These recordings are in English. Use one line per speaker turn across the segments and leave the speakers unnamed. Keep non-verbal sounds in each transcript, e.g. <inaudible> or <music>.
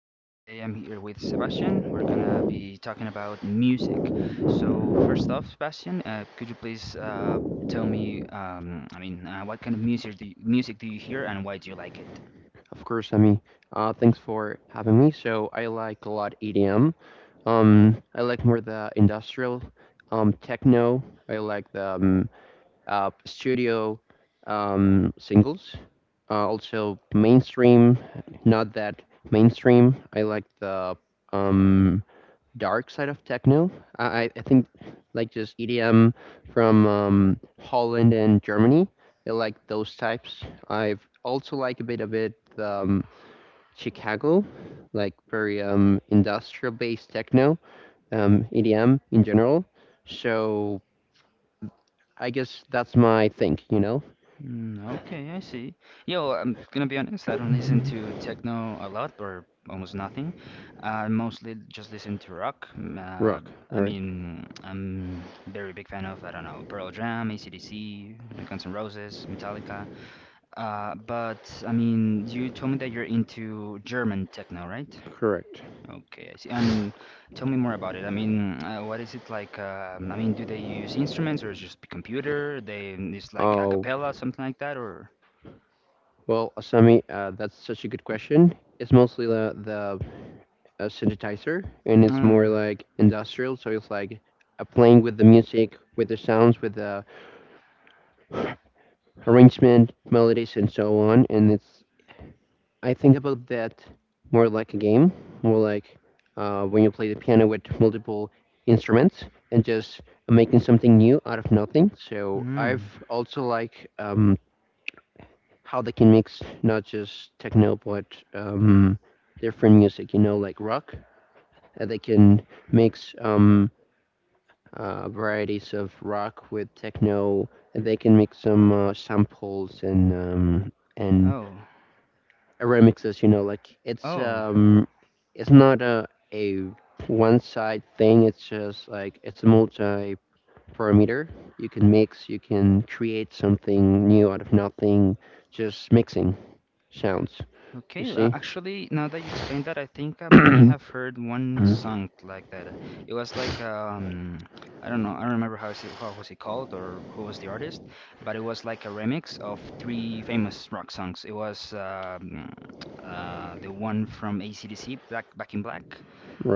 Today I'm here with Sebastian. We're gonna be talking about music. So first off, Sebastian, could you please tell me, what kind of music music do you hear and why do you like it?
Of course. Thanks for having me. So I like a lot EDM. I like more the industrial, techno. I like the studio singles. Also mainstream, not that mainstream. I like the um, dark side of techno. I think like just EDM from Holland and Germany. I like those types. I've also like a bit of it. Chicago, like very industrial based techno, EDM in general. So I guess that's my thing.
Mm, okay, I see. Yo, I'm gonna be honest, I don't listen to techno a lot or almost nothing. I mostly just listen to rock.
Rock, all
I
right?
mean, I'm very big fan of, I don't know, Pearl Jam, AC/DC, Guns N' Roses, Metallica. But I mean, you told me that you're into German techno, right?
Correct.
Okay, I see. And tell me more about it. I mean, what is it like? I mean, do they use instruments or just computer? They It's like a
Oh,
cappella, something like that, or?
well, Asami, that's such a good question. It's mostly the synthesizer, and it's more
Mm.
like industrial, so it's like playing with the music, with the sounds, with the arrangement, melodies, and so on. And it's, I think about that more like a game, more like when you play the piano with multiple instruments and just making something new out of nothing. So
Mm.
I've also like how they can mix not just techno but um, different music. You know, like rock. They can mix varieties of rock with techno. And They can mix some samples and
Oh.
remixes, like
Oh.
it's not a one side thing. It's just like it's a multi parameter. You can mix, you can create something new out of nothing, just mixing sounds, you
Okay.
see.
Actually, now that you explained that, I think I may
<clears throat>
have heard one
Mhm.
song like that. It was like I don't know. I don't remember how was it called or who was the artist, but it was like a remix of three famous rock songs. It was the one from AC/DC, Back in Black.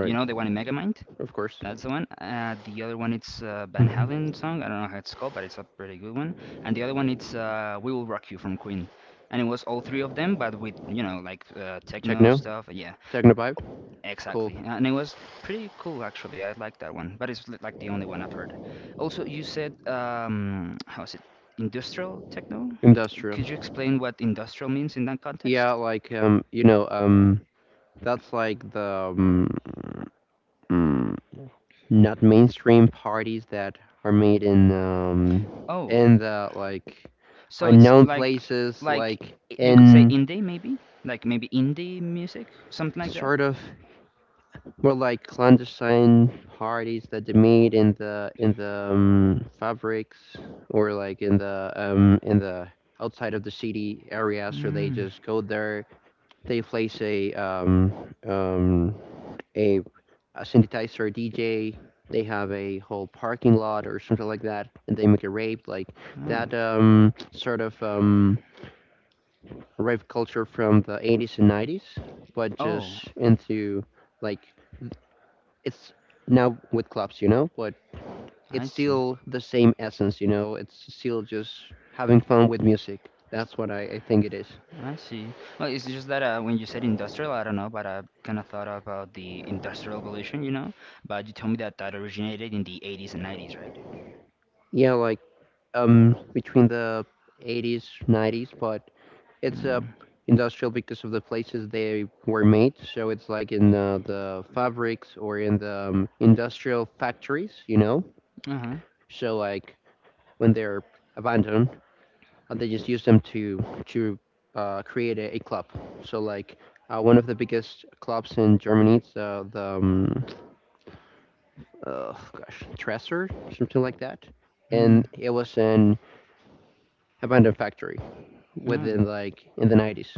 You know, the one in Megamind.
of course.
That's the one. The other one it's Van
Mhm.
Halen song. I don't know how it's called, but it's a pretty good one. And the other one it's "We Will Rock You" from Queen. And it was all three of them, but with like techno
Techno,
stuff. Yeah,
techno vibe. Cool.
exactly. And it was pretty cool actually. I like that one, but like the only one I've heard. Also, you said how is it? Industrial techno?
Industrial.
Could you explain what industrial means in that
yeah
context?
like um you know um That's like the mm, not mainstream parties that are made in
Oh,
the like
so it's
unknown
like
places,
like
like
you could say
in,
indie maybe? Like maybe indie music, something like that.
sort of, more like clandestine parties that they made in the fabrics, or like in the outside of the city area. So they
Mm.
just go there, they place um a, a synthesizer DJ. They have a whole parking lot or something like that, and they make a rave like
Oh.
that sort of rave culture from the 80s and 90s, but
Oh,
just into like it's now with clubs, you know. But
I
it's
see.
still the same essence, you know. It's still just having fun with music. That's what I think it is.
I see. Well, it's just that when you said industrial, I don't know, but I kind of thought about the industrial revolution, you know? But you told me that that originated in the 80s and 90s, right?
Yeah, like between the 80s, 90s, but it's
Mm.
industrial because of the places they were made. So it's like in the fabrics or in the industrial factories, you know.
Uh-huh.
So like when they're abandoned, they just use them to create a club. So like one of the biggest clubs in Germany, it's the gosh, Dresser, something like that,
Mm.
and it was an abandoned factory
Oh.
within like in the 90s.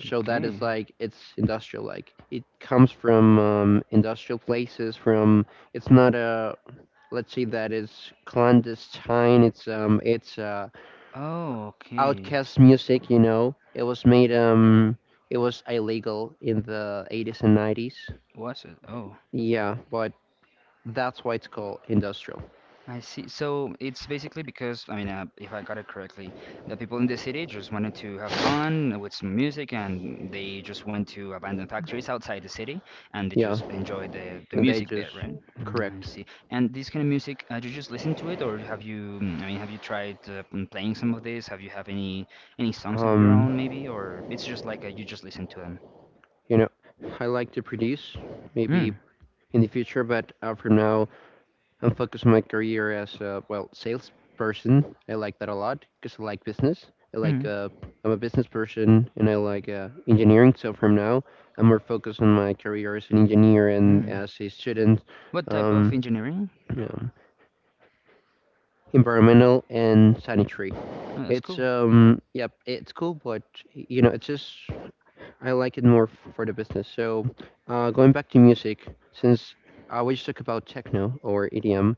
So that
Okay.
is like it's industrial, like it comes from industrial places. From it's not a, let's say, that is clandestine. It's
Oh, okay.
outcast music, you know. It was made it was illegal in the 80s and 90s.
Was it? Oh,
Yeah, but that's why it's called industrial.
I see. So it's basically because, if I got it correctly, the people in the city just wanted to have fun with some music and they just went to abandoned factories outside the city and they
Yeah,
just enjoyed the
and they
music
just.
there, right? Mm, I
Correct.
see. And this kind of music, did you just listen to it or have you, I mean, have you tried playing some of this? Have any songs of your
um
own maybe? Or it's just like you just listen to them?
you know I like to produce maybe
Mm,
in the future, but for now, and focus my career as a, well, salesperson. I like that a lot because I like business. I like
mm,
I'm a business person, and I like engineering. So from now, I'm more focused on my career as an engineer and
mm.
as a student.
What type of
Um,
engineering?
um, environmental and sanitary.
Oh, that's
It's
cool.
yep, it's cool, but you know, it's just I like it more for the business. So, going back to music, since we just talk about techno or EDM,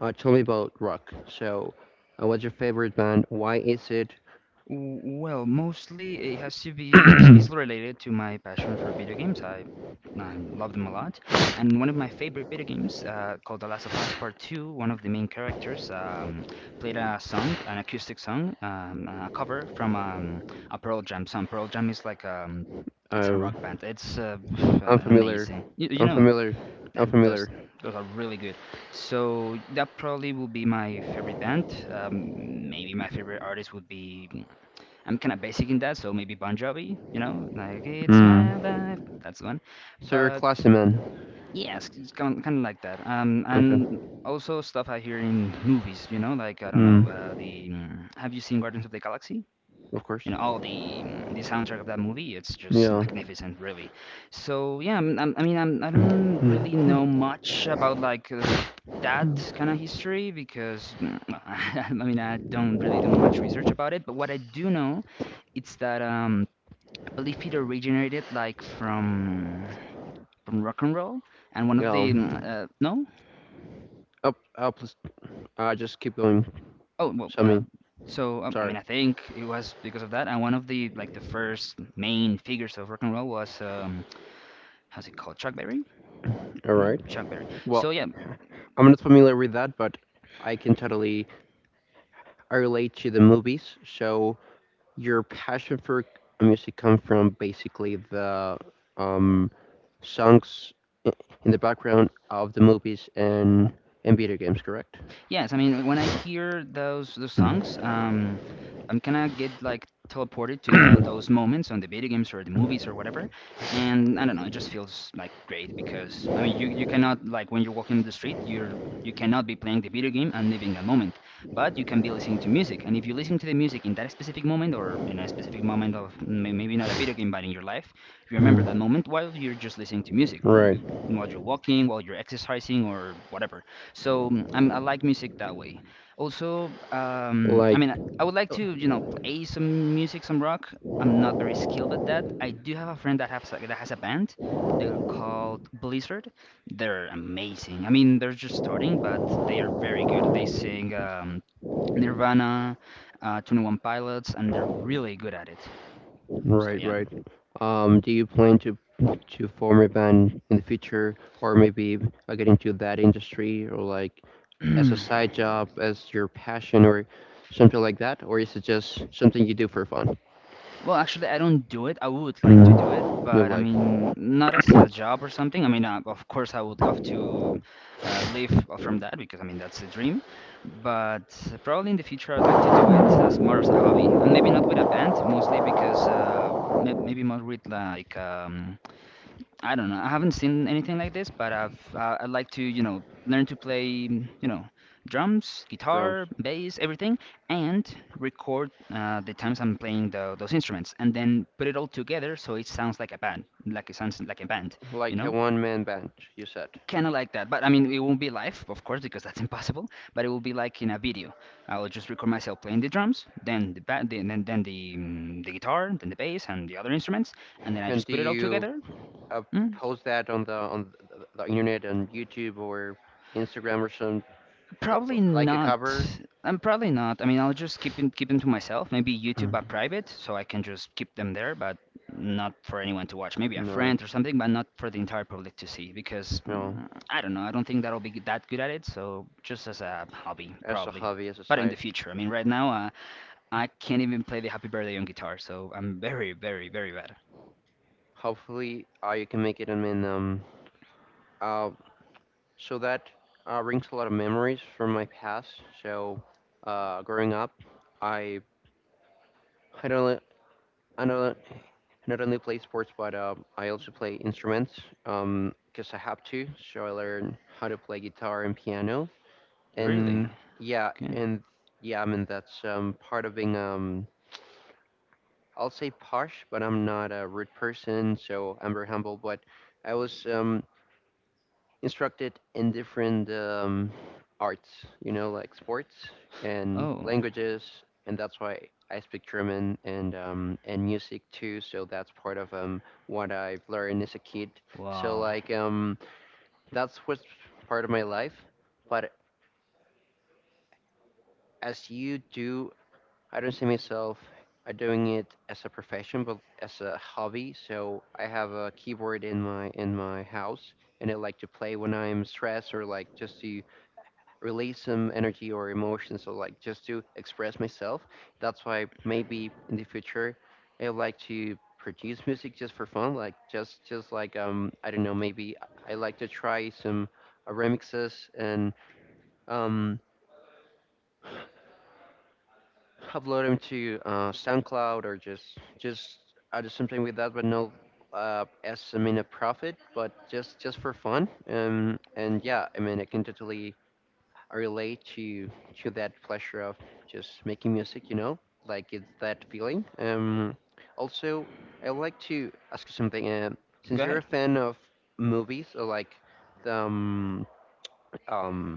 Tell me about rock. So, what's your favorite band? Why is it?
Well, mostly it has to be is related to my passion for video games. I love them a lot, and one of my favorite video games, called The Last of Us Part Two. One of the main characters played a song, an acoustic song, a cover from a Pearl Jam song. Pearl Jam is like it's a
Uh,
rock band. It's <sighs>
unfamiliar?
amazing. You know,
Unfamiliar.
yeah,
Unfamiliar.
those are really good. So that probably will be my favorite band. Um, maybe my favorite artist would be I'm kind of basic in that, so maybe Bon Jovi, you know, like it's
Mm.
my life. That's the one.
So you're a
But
classy man.
yes, it's kind of like that.
Okay.
And also stuff I hear in movies, you know, like I don't
Mm.
know, have you seen Guardians of the Galaxy?
Of course.
You know, all the the soundtrack of that movie, it's just
Yeah.
magnificent, really. So yeah, I'm, I mean, I'm, I don't
Mm.
really know much about like. That kind of history because <laughs> I mean I don't really do much research about it, but what I do know it's that believe it originated like from rock and roll, and one of
Yeah.
the mm, no
Up. Up. Please. Just keep going.
oh well
Sammy.
so I
Sorry.
mean I think it was because of that, and one of the like the first main figures of rock and roll was how's it called Chuck Berry
All
no
right.
Chuck Berry,
Well,
so yeah.
I'm not familiar with that, but I can totally, I relate to the movies. So your passion for music come from basically the um, songs in the background of the movies, and video games, correct?
Yes, I mean when I hear those
Mm.
songs, I'm gonna get like teleported to the those moments on the video games or the movies or whatever, and I don't know, it just feels like great because I mean you cannot like when you're walking the street, you cannot be playing the video game and living a moment, but you can be listening to music, and if you listen to the music in that specific moment or in a specific moment of maybe not a video game but in your life, you remember that
Mm.
moment while you're just listening to music,
Right.
while you're walking, while you're exercising or whatever. So I like music that way. Also, I
Like.
mean, I would like to, you know, play some music, some rock. I'm not very skilled at that. I do have a friend that has that has a band. They're called Blizzard. They're amazing. I mean, they're just starting, but they are very good. They sing Nirvana, 21 Pilots, and they're really good at it. So
Right,
yeah.
right. Do you plan to form a band in the future, or maybe get into that industry, or like as a side
<clears throat>
job, as your passion, or something like that, or is it just something you do for fun?
Well, actually, I don't do it. I would like to do it,
Mm. You know,
but I
like
mean, not as a job or something. I mean, of course, I would love to live from that because I mean, that's a dream. But probably in the future, I'd like to do it as more as a hobby, and maybe not with a band, mostly because maybe more with like I don't know. I haven't seen anything like this, but I'd like to, you know, learn to play, you know, drums,
drums,
guitar, bass, everything, and record the times I'm playing those instruments, and then put it all together so it sounds like a band, you
like a
know,
one-man band, you said.
kind of like that. But I mean, it won't be live, of course, because that's <laughs> impossible. But it will be like in a video. I will just record myself playing the drums, then the guitar, then the bass, and the other instruments, and then I
And
just
do
put it all
you
together.
uh,
mm,
post that on the internet, on YouTube or Instagram or some
Probably
like a
not.
cover?
I'm probably not. I mean, I'll just keep them to myself. Maybe YouTube
Mm.
but private, so I can just keep them there, but not for anyone to watch. Maybe a
No,
friend or something, but not for the entire public to see because
you know,
I don't know. I don't think that'll be that good at it. So just as a hobby,
as a
probably.
hobby, as a
But in
side.
the future, I mean, right now, I can't even play the Happy Birthday on guitar, so I'm very bad.
Hopefully, I can make it. Uh, so that brings a lot of memories from my past. So, growing up, I I don't li- I don't not only play sports, but I also play instruments. Because I have to. So I learned how to play guitar and piano.
Really?
And yeah,
Okay.
and yeah, I mean that's part of being I'll say posh, but I'm not a rude person, so I'm very humble. But I was instructed in different arts, you know, like sports and
Oh,
languages, and that's why I speak German and music too. So that's part of what I've learned as a kid. So
wow.
like that's what's part of my life. But as you do, I don't see myself doing it as a profession, but as a hobby. So I have a keyboard in my house, and I like to play when I'm stressed, or like just to release some energy or emotions, or like just to express myself. That's why maybe in the future I like to produce music just for fun, like just like I don't know, maybe I like to try some remixes and um upload them to SoundCloud, or just I do something with that, but no, as I mean a profit, but just for fun. And yeah, I mean, I can totally relate to that pleasure of just making music. You know, like it's that feeling. Also, I would like to ask you something. Since
Go
you're a
ahead.
fan of movies, or like the um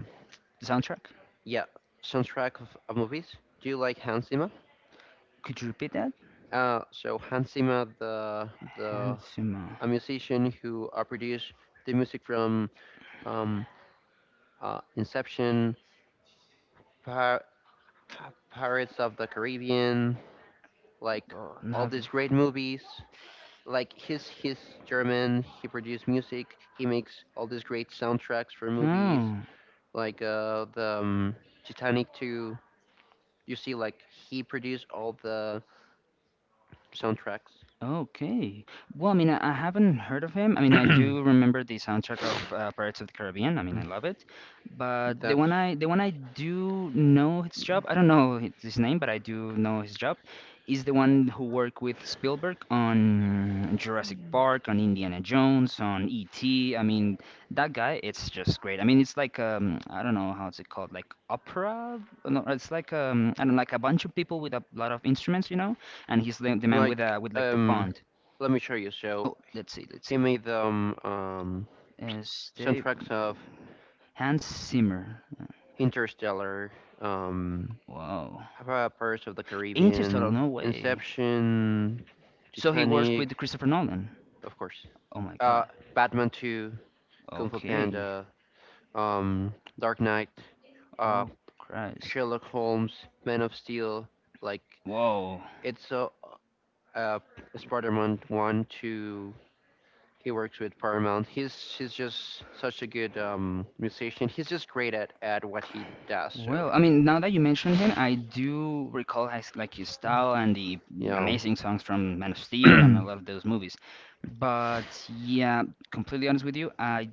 Soundtrack?
yeah, soundtrack of movies, do you like Hans Zimmer?
Could you repeat that?
So Hans Zimmer, the
Handsome.
a musician who produced the music from um, Inception, Pir- Pirates of the Caribbean, like
Oh,
all
not.
these great movies. Like he's German. He produced music. He makes all these great soundtracks for movies,
Oh.
like the Titanic 2. You see, like he produced all the soundtracks.
Okay. Well, I mean, I haven't heard of him. I mean, I do remember the soundtrack of Pirates of the Caribbean. I mean, I love it. But
That's
the one I do know his job, I don't know his name, but I do know his job, is the one who worked with Spielberg on Jurassic Park, on Indiana Jones, on E.T. I mean, that guy, it's just great. I mean, it's like I don't know how it's called, like opera? No, it's like I don't know, like a bunch of people with a lot of instruments, you know? And he's the man with
like
like the
um,
bond.
let me show you.
Oh,
So
let's see, let's see.
he made the
Steve
soundtracks of
Hans Zimmer.
Interstellar, um,
Wow.
Pirates of the
Interstellar,
Caribbean,
no way.
Inception,
So he works
Titanic,
with Christopher Nolan.
of course,
Oh my God.
uh, Batman 2, Kung Fu
Okay.
Panda, um, Dark Knight, uh,
Oh Christ.
Sherlock Holmes, Man of Steel. Like,
Whoa.
it's a, uh, Spider Man 1, 2, he works with Paramount. He's just such a good musician. He's just great at what he does. So
Well, I mean, now that you mention him, I do recall his like his style and the
yeah,
amazing songs from Man of Steel and a lot of those movies. But yeah, completely honest with you, I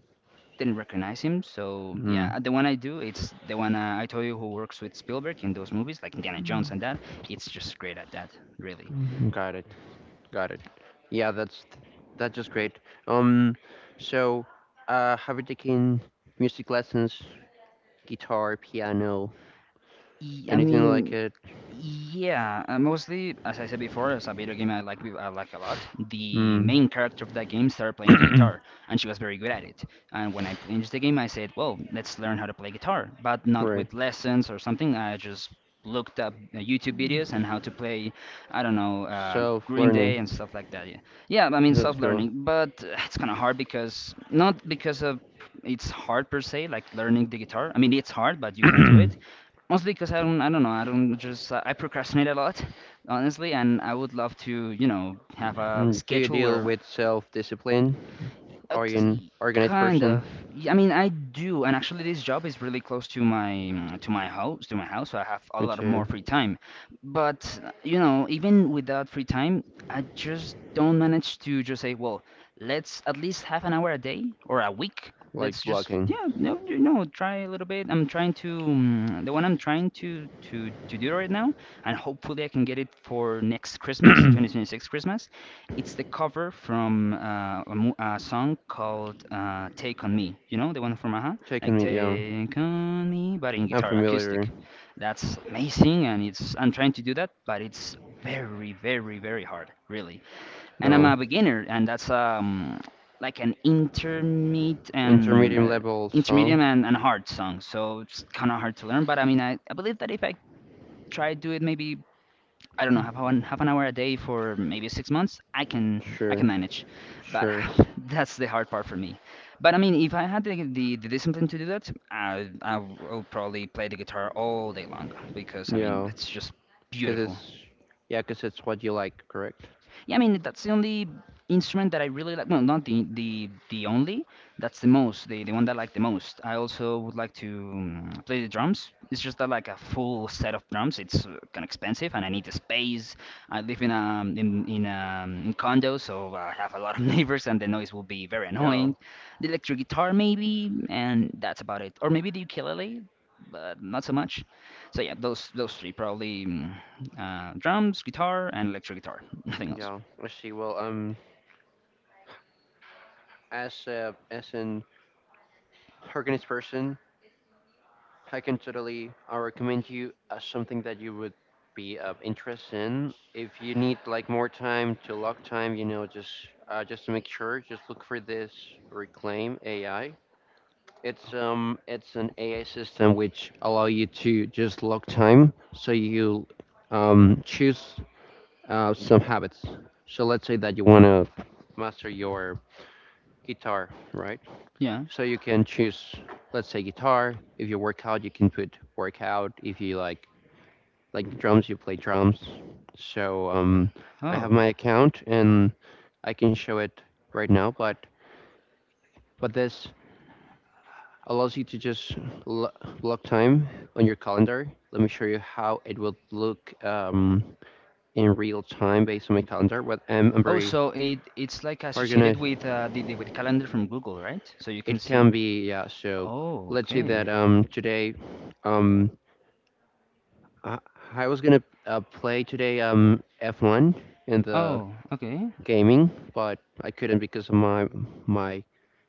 didn't recognize him. So
mm,
yeah, the one I do, it's the one I told you who works with Spielberg in those movies, like Indiana Jones and that. It's just great at that, really.
got it, got it. Yeah, that's just great. Um, so have you taken music lessons, guitar, piano,
I
anything like
mean,
it?
yeah, mostly, as I said before, it's a video game I like a lot. The
Mm,
main character of that game started playing the guitar, and she was very good at it. And when I finished the game, I said, "Well, let's learn how to play guitar," but not
right.
with lessons or something. I just looked up YouTube videos and how to play, I don't know,
Self
Green
learning.
Day and stuff like that. Yeah, yeah. I mean,
Let's go.
self-learning, but it's kind of hard because not because of it's hard per se, like learning the guitar. I mean, it's hard, but you can do it. Mostly because I don't know, I don't just, I procrastinate a lot, honestly, and I would love to, you know, have a
Mm, do you
schedule
deal
where
with self discipline? Are you an organized
kind
person?
of. I mean, I do, and actually, this job is really close to my house, so I have a
Me
lot
too.
more free time. But you know, even without free time, I just don't manage to just say, well, let's at least half an hour a day or a week.
Like
Let's just
blocking.
yeah, no, you know, try a little bit. I'm trying to the one I'm trying to do right now, and hopefully I can get it for next Christmas, 2026 Christmas. It's the cover from a song called Take On Me. You know, the one from Aha?
Taking
Like,
me, yeah.
Take On Me, but in
I'm
guitar, acoustic.
familiar.
That's amazing, and it's I'm trying to do that, but it's very hard, really. And I'm
No.
a beginner, and that's like an intermediate and
Intermediate level song?
intermediate and hard song, so it's kind of hard to learn. But I mean, I believe that if I try to do it maybe I don't know, half an hour a day for maybe 6 months, I
Sure.
can manage. But
Sure.
<sighs> that's the hard part for me. But I mean, if I had the discipline to do that, I will probably play the guitar all day long because I mean
Yeah.
it's just
Cause
beautiful.
it's Yeah, cause it's what you like, correct?
Yeah, I mean that's the only instrument that I really like. Well, not the only. That's the most, the one that I like the most. I also would like to play the drums. It's just that like a full set of drums, it's kind of expensive, and I need the space. I live in a in in a in condo, so I have a lot of <laughs> neighbors, and the noise will be very
Yeah.
annoying. The electric guitar maybe, and that's about it. Or maybe the ukulele, but not so much. So yeah, those three probably drums, guitar, and electric guitar. <laughs> Nothing else.
Yeah. I see. Well, as a as an organist person, I can totally, I recommend you something that you would be of interest in. If you need like more time to lock time, you know, just to make sure, just look for this Reclaim AI. It's an AI system which allow you to just log time, so you choose some habits. So let's say that you want to master your guitar, right?
Yeah.
So you can choose, let's say, guitar. If you work out, you can put workout. If you like drums, you play drums. So I have
Oh.
my account, and I can show it right now, but this allows you to just lo- block time on your calendar. Let me show you how it will look in real time based on my calendar. But I'm
Oh,
very
so it it's like associated
organized.
with the with calendar from Google, right? So you can
It
see.
can be, yeah. So
Oh,
let's say
okay.
that today, um I, I was gonna play today F1 in the
Oh, okay.
gaming, but I couldn't because of my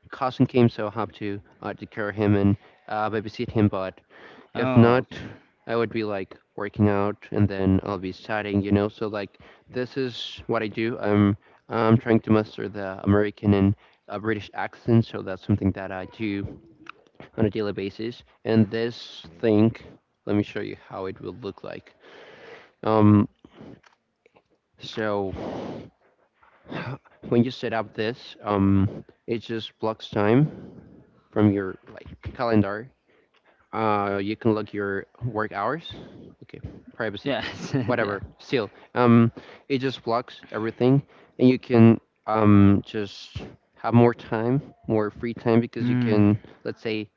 cousin came, so I have to take care of him, and babysit him. But if
Oh,
not,
okay.
I would be like working out, and then I'll be studying, you know. So like this is what I do. I'm trying to master the American and British accent, so that's something that I do on a daily basis. And this thing, let me show you how it will look like. Um, so <sighs> when you set up this, it just blocks time from your like calendar. You can log your work hours. Okay, privacy,
Yeah, <laughs> yeah.
whatever. Still, um, it just blocks everything, and you can just have more time, more free time because you
Hmm.
can, let's say,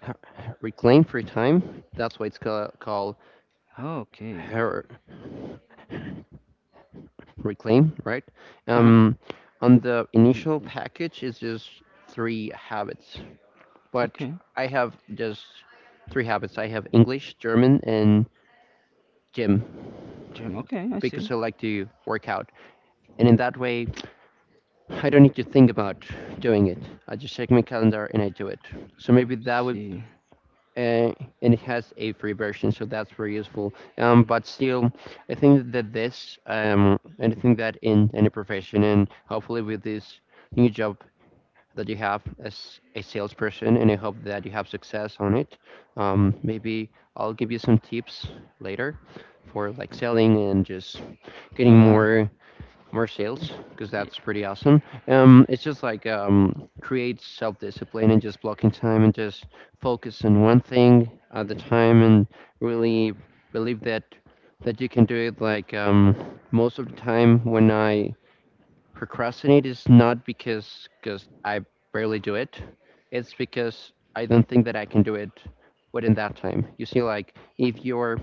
<laughs> reclaim free time. That's why it's called
Okay.
her reclaim, right?
Uh-huh.
Um, on the initial package, it's just three habits, but
Okay.
I have just three habits. I have English, German, and gym,
Jim. Okay, I
because
see.
I like to work out. And in that way, I don't need to think about doing it. I just check my calendar and I do it. So maybe that
I
would,
see.
uh, and it has a free version, so that's very useful. But still, I think that this, and I think that in any profession, and hopefully with this new job that you have as a salesperson, and I hope that you have success on it. Maybe I'll give you some tips later for like selling and just getting
Well,
more sales because that's pretty awesome. It's just like create self discipline and just blocking time and just focus on one thing at a time and really believe that you can do it. Like most of the time when I procrastinate is not because I barely do it. It's because I don't think that I can do it within that time. You see, like if you're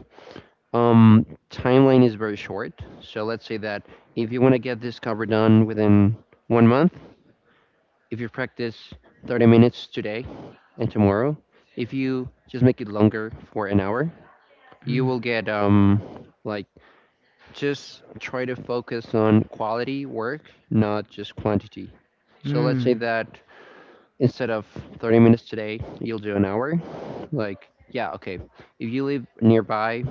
timeline is very short. So let's say that if you want to get this cover done within 1 month, if you practice 30 minutes today and tomorrow, if you just make it longer for an hour, you will
yeah.
get like just try to focus on quality work, not just quantity. So let's say
Mm-hmm.
that instead of 30 minutes today, you'll do an hour. Like, yeah, okay. If you live nearby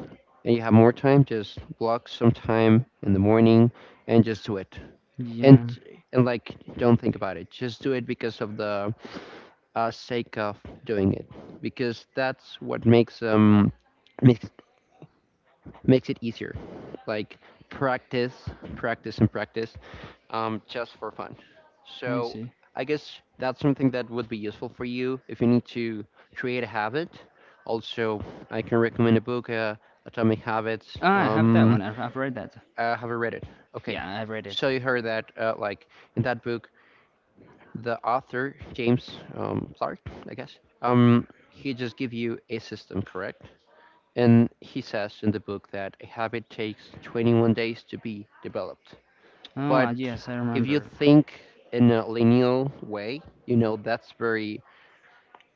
and you have more time, just block some time in the morning and just do it. And
Yeah,
and like, don't think about it. Just do it because of the sake of doing it, because that's what makes makes makes it easier. Like practice, practice, and practice, just for fun.
I
So
see.
I guess that's something that would be useful for you if you need to create a habit. Also, I can recommend a book, Atomic Habits.
Ah, I have that one. I've read that.
Have you read it? Okay.
Yeah, I've read it.
So you heard that, like in that book, the author James Clark, I guess, he just give you a system, correct? And he says in the book that a habit takes 21 days to be developed.
Oh,
But
yes, I
if you
remember.
think in a linear way, you know, that's very,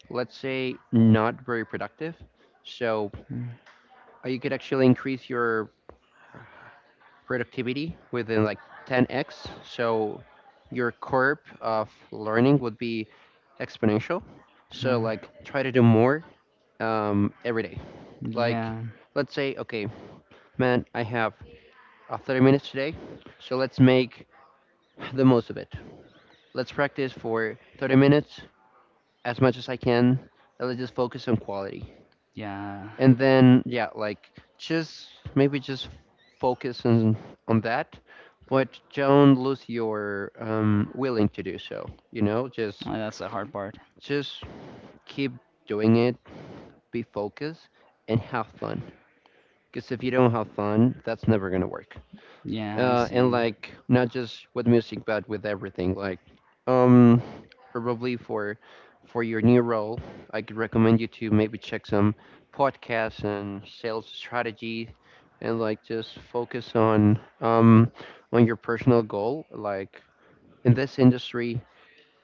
let's say, not very productive. So
Mm,
you could actually increase your productivity within like 10x. So your curve of learning would be exponential. So
no.
like try to do more every day. Like
Yeah,
let's say, okay, man, I have 30 minutes today, so let's make the most of it. Let's practice for 30 minutes as much as I can. And let's just focus on quality.
yeah.
And then, yeah, like just maybe just focus on that, but don't lose your willing to do so. You know,
Oh, that's the hard part.
just keep doing it, be focused, and have fun. Because if you don't have fun, that's never gonna work.
Yeah, I
And
see.
like not just with music but with everything like um probably for your new role, I could recommend you to maybe check some podcasts and sales strategy, and like just focus on your personal goal. Like in this industry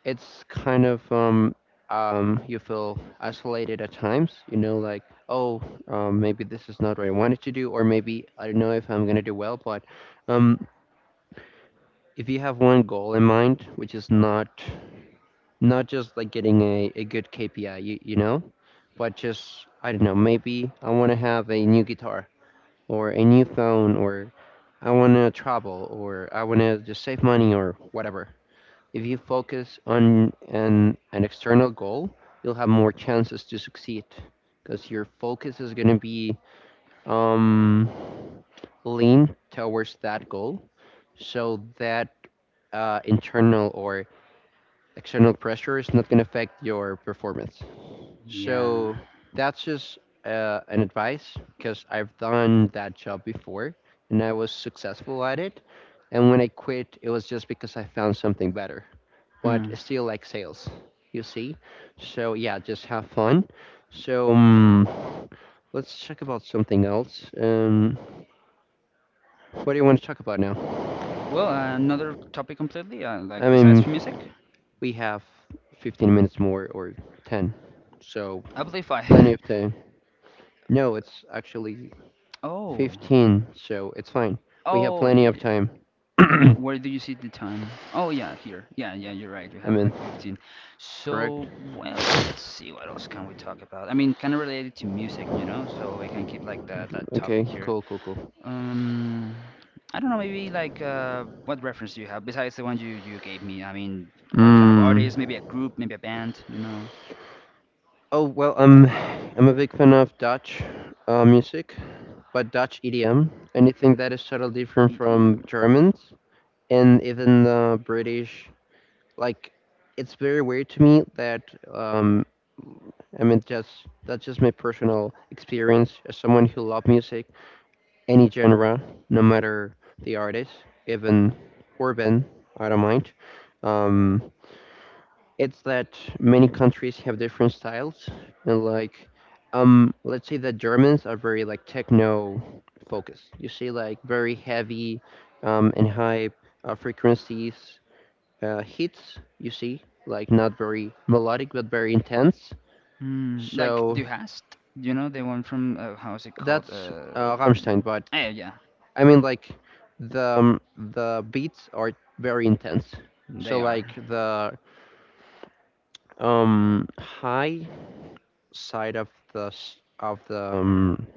it's kind of you feel isolated at times, you know, like oh, maybe this is not what I wanted to do, or maybe I don't know if I'm gonna do well. But um, if you have one goal in mind, which is not just like getting a good KPI, you know, but just I don't know, maybe I want to have a new guitar or a new phone, or I want to travel, or I want to just save money or whatever. If you focus on an external goal, you'll have more chances to succeed because your focus is going to be um, lean towards that goal, so that internal or external pressure is not going to affect your performance.
Yeah.
So that's just an advice because I've done that job before and I was successful at it. And when I quit, it was just because I found something better, but
Hmm.
it's still like sales, you see? So yeah, just have fun. So um, let's check about something else. What do you want to talk about now?
Well, another topic completely,
I
like
mean,
besides music,
we have 15 minutes more or 10, so
I Amplify.
plenty of
<laughs>
time. No, it's actually
Oh.
15, so it's fine. We have
Oh, yeah,
plenty
yeah,
of
yeah.
time. <coughs> <clears throat> I
Where do you see the time? Oh, yeah, here. Yeah, yeah, you're right. You have
mean,
like 15.
correct?
So, well, let's see what else can we talk about. I mean, kind of related to music, you know? So we can keep like that
Okay,
topic here.
cool, cool, cool.
Um, I don't know, maybe like what reference do you have besides the one you gave me? I mean, what kind of
Hmm.
artist? Maybe a group, maybe a band, you know?
Oh, well, I'm a big fan of Dutch music, but Dutch EDM, anything that is subtly different from
EDM.
Germans and even British. Like it's very weird to me that um I mean, just that's just my personal experience as someone who loves music, any genre, no matter the artist, even urban, I don't mind. Um, it's that many countries have different styles, and like um, let's say that Germans are very like techno focused. You see, like very heavy and high frequencies, hits, you see, like not very melodic but very intense.
Mm, like
So
Du Hast, you know, the one from, how is it called?
that's Rammstein, but
Yeah,
I mean like the beats are very intense. So
they are.
like the high side of the of the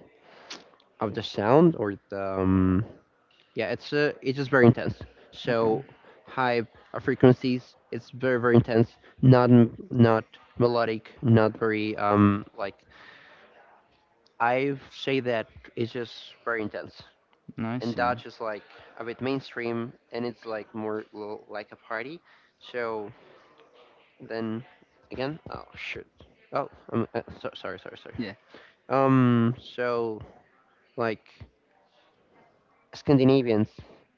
of the sound, or the yeah, it's just very intense.
Okay,
So high frequencies, it's very intense. Not not melodic, not very like I say that it's just very intense,
I
and
see.
Dodge is like a bit mainstream, and it's like more like a party. So then again, oh shoot, oh so, sorry, sorry, sorry.
Yeah.
So like Scandinavians,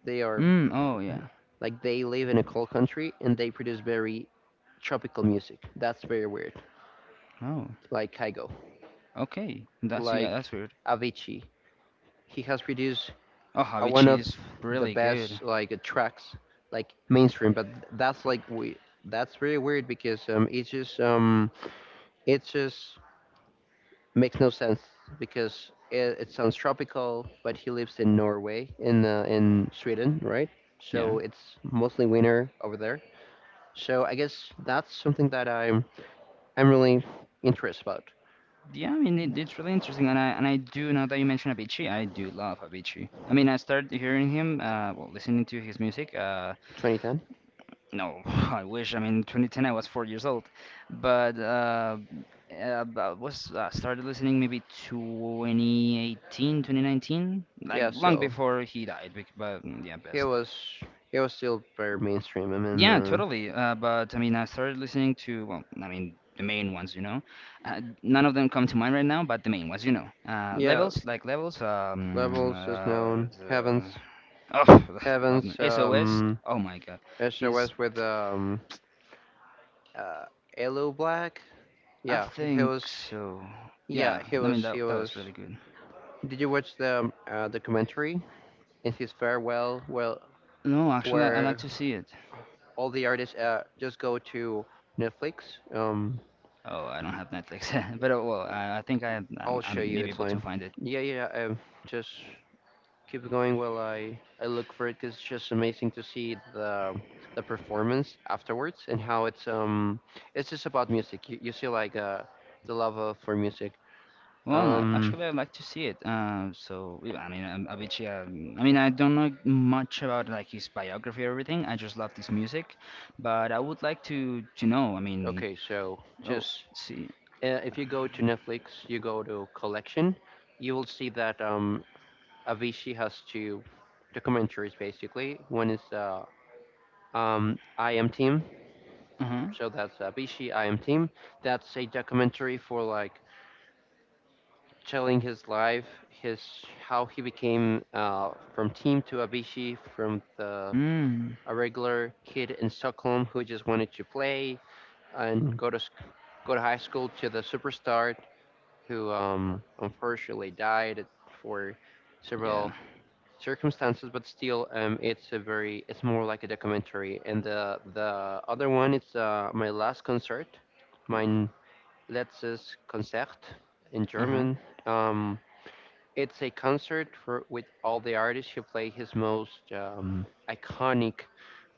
they are
Mm, oh, yeah.
like they live in a cold country and they produce very tropical music. That's very weird.
Oh,
Like Kygo,
okay. That's, yeah,
like
that's weird.
Avicii. He has produced
Oh,
are one
Habichi
of
is
the
really
best
good.
like tracks, like mainstream. But that's like we that's really weird because it just makes no sense because it sounds tropical, but he lives in Norway in Sweden, right?
Yeah.
So it's mostly winter over there. So I guess that's something that I'm really interested about.
Yeah, I mean, it, it's really interesting. And I do, now that you mention Avicii, I do love Avicii. I mean, I started hearing him, well, listening to his music.
2010.
No, <laughs> I wish. I mean, 2010, I was 4 years old, but I was started listening maybe 2018, 2019, like
Yeah.
long
So
before he died. But yeah,
he
best.
was he was still very mainstream. I mean,
Yeah, totally. But I mean, I started listening to well, I mean, the main ones, you know. None of them come to mind right now, but the main ones, you know.
yeah,
Levels, like levels.
levels is known. Heavens
Oh, <laughs> love them.
Kevin's
SOS. Oh my God, he's
SOS with uh, Elo Black.
I
Yeah, he
think
was.
so.
Yeah,
Yeah,
he
I mean
was. He
that that was
was.
really good.
Did you watch the documentary in his farewell? Well,
No,
well,
actually, I like
where
to see it.
all the artists just go to Netflix.
Oh, I don't have Netflix, <laughs> but well, I think
I'll show
I'm
you.
maybe
It's
able to
fine.
find it.
Yeah, yeah. Just keep going while I look for it, because it's just amazing to see the performance afterwards, and how it's just about music. You see like uh, the love for music.
Well, no,
Um,
actually, I'd like to see it. So yeah, I mean, Avicii. I mean, I don't know much about like his biography or everything. I just love his music, but I would like to know. I mean,
okay, so
oh,
just
see,
if you go to Netflix, you go to collection, you will see that um, Avicii has two documentaries basically. One is I Am Team,
uh huh,
so that's Avicii I Am Team. That's a documentary for like telling his life, his how he became from team to Abishi, from the
mm,
a regular kid in Stockholm who just wanted to play and go to go to high school, to the superstar who unfortunately died for
yeah,
several circumstances. But still, it's a very it's more like a documentary. And the other one it's my last concert, my letztes Konzert in
uh huh,
German. Um, it's a concert for, with all the artists who play his most iconic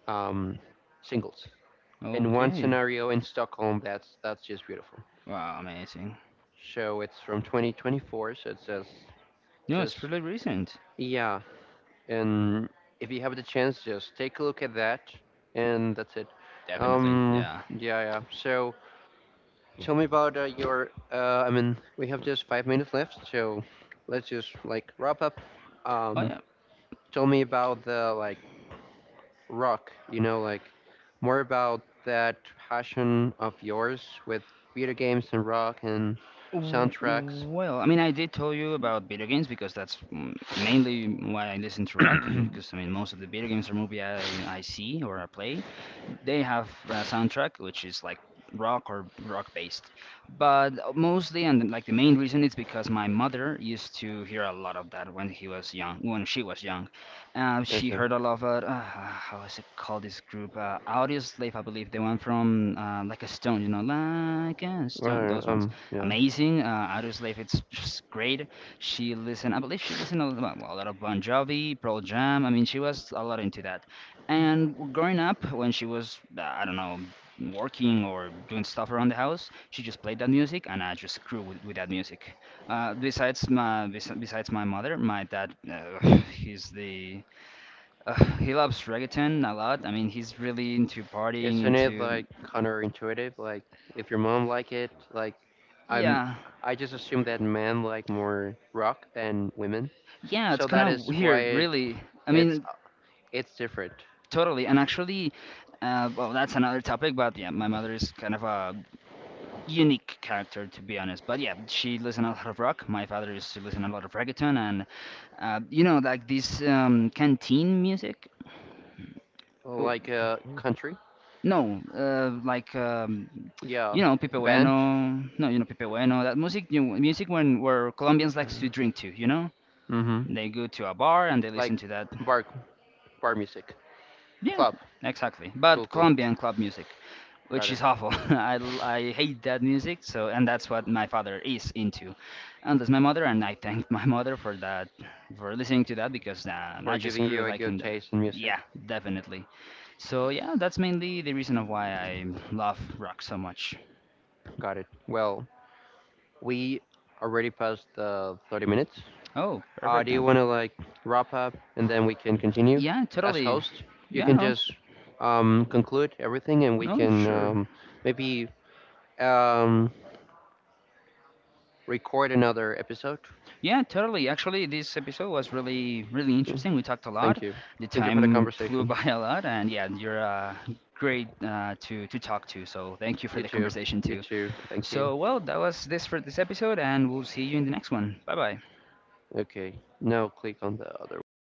um, singles. In one
okay.
scenario in Stockholm, that's just beautiful.
Wow, amazing.
So it's from 2024, so it says
No, it's
just
pretty recent.
yeah. And if you have the chance, just take a look at that, and that's it.
Definitely, yeah.
Yeah, yeah. So tell me about your. I mean, we have just 5 minutes left, so let's just like wrap up.
Oh
Um,
yeah.
tell me about the like rock, you know, like more about that passion of yours with video games and rock and soundtracks.
Well, I mean, I did tell you about video games because that's mainly why I listen to rock. Because I mean, most of the video games or movie I see or I play, they have a soundtrack which is like rock or rock based, but mostly. And like the main reason is because my mother used to hear a lot of that when he was young when she was young.
Yes,
She
sir.
heard a lot of how is it called, this group, Audio Slave, I believe, the one from like a stone, you know, like a stone,
Right,
those ones
yeah.
amazing. Audio Slave, it's just great. She listened, I believe she listened well, a lot of Bon Jovi, Pearl Jam. I mean, she was a lot into that. And growing up, when she was, I don't know, working or doing stuff around the house, she just played that music, and I just grew with that music. Besides my mother, my dad, <sighs> he's the he loves reggaeton a lot. I mean, he's really into partying,
Isn't it
into
like counterintuitive? Like, if your mom like it, like, I'm,
yeah,
I just assume that men like more rock than women.
yeah.
So
It's kind
that
of
is
weird,
quite,
really. I
it's,
mean,
it's different.
totally. And actually, well, that's another topic. But yeah, my mother is kind of a unique character, to be honest. But yeah, she listen a lot of rock. My father used to listen a lot of reggaeton and you know, like this canteen music. Oh,
Like a country,
no like
yeah,
you know, Pipe
band,
Bueno. No, you know Pipe Bueno, that music, you know, music when where Colombians likes to drink to, you know,
mm-hmm,
they go to a bar and they
like
listen to that.
bar, bar music.
Yeah,
Club.
exactly,
Cool,
but
cool.
Colombian club music, which
Got
is
it.
awful. <laughs> I hate that music, so, and that's what my father is into, and that's my mother, and I thank <laughs> my mother for that, for listening to that because I
For
just
giving
grew
you a
like in
good
the,
taste in music.
yeah, definitely. So yeah, that's mainly the reason of why I love rock so much.
Got it. Well, we already passed the 30 minutes.
Oh, perfect
Do you
then.
want to like wrap up and then we can continue?
Yeah,
As
totally.
host, you
Yeah,
can
no,
just conclude everything and we
no,
can
sure.
maybe um, record another episode.
Yeah, totally. Actually, this episode was really, really interesting.
Mhm.
We talked a
Thank
lot.
you.
The
Thank you for the
time <laughs> flew
conversation.
by a lot, and yeah, you're great to talk to. So thank you for
You
the
too.
conversation
You
too.
too. Thank you.
So well, that was this for this episode, and we'll see you in the next one. Bye bye.
Okay. Now click on the other one.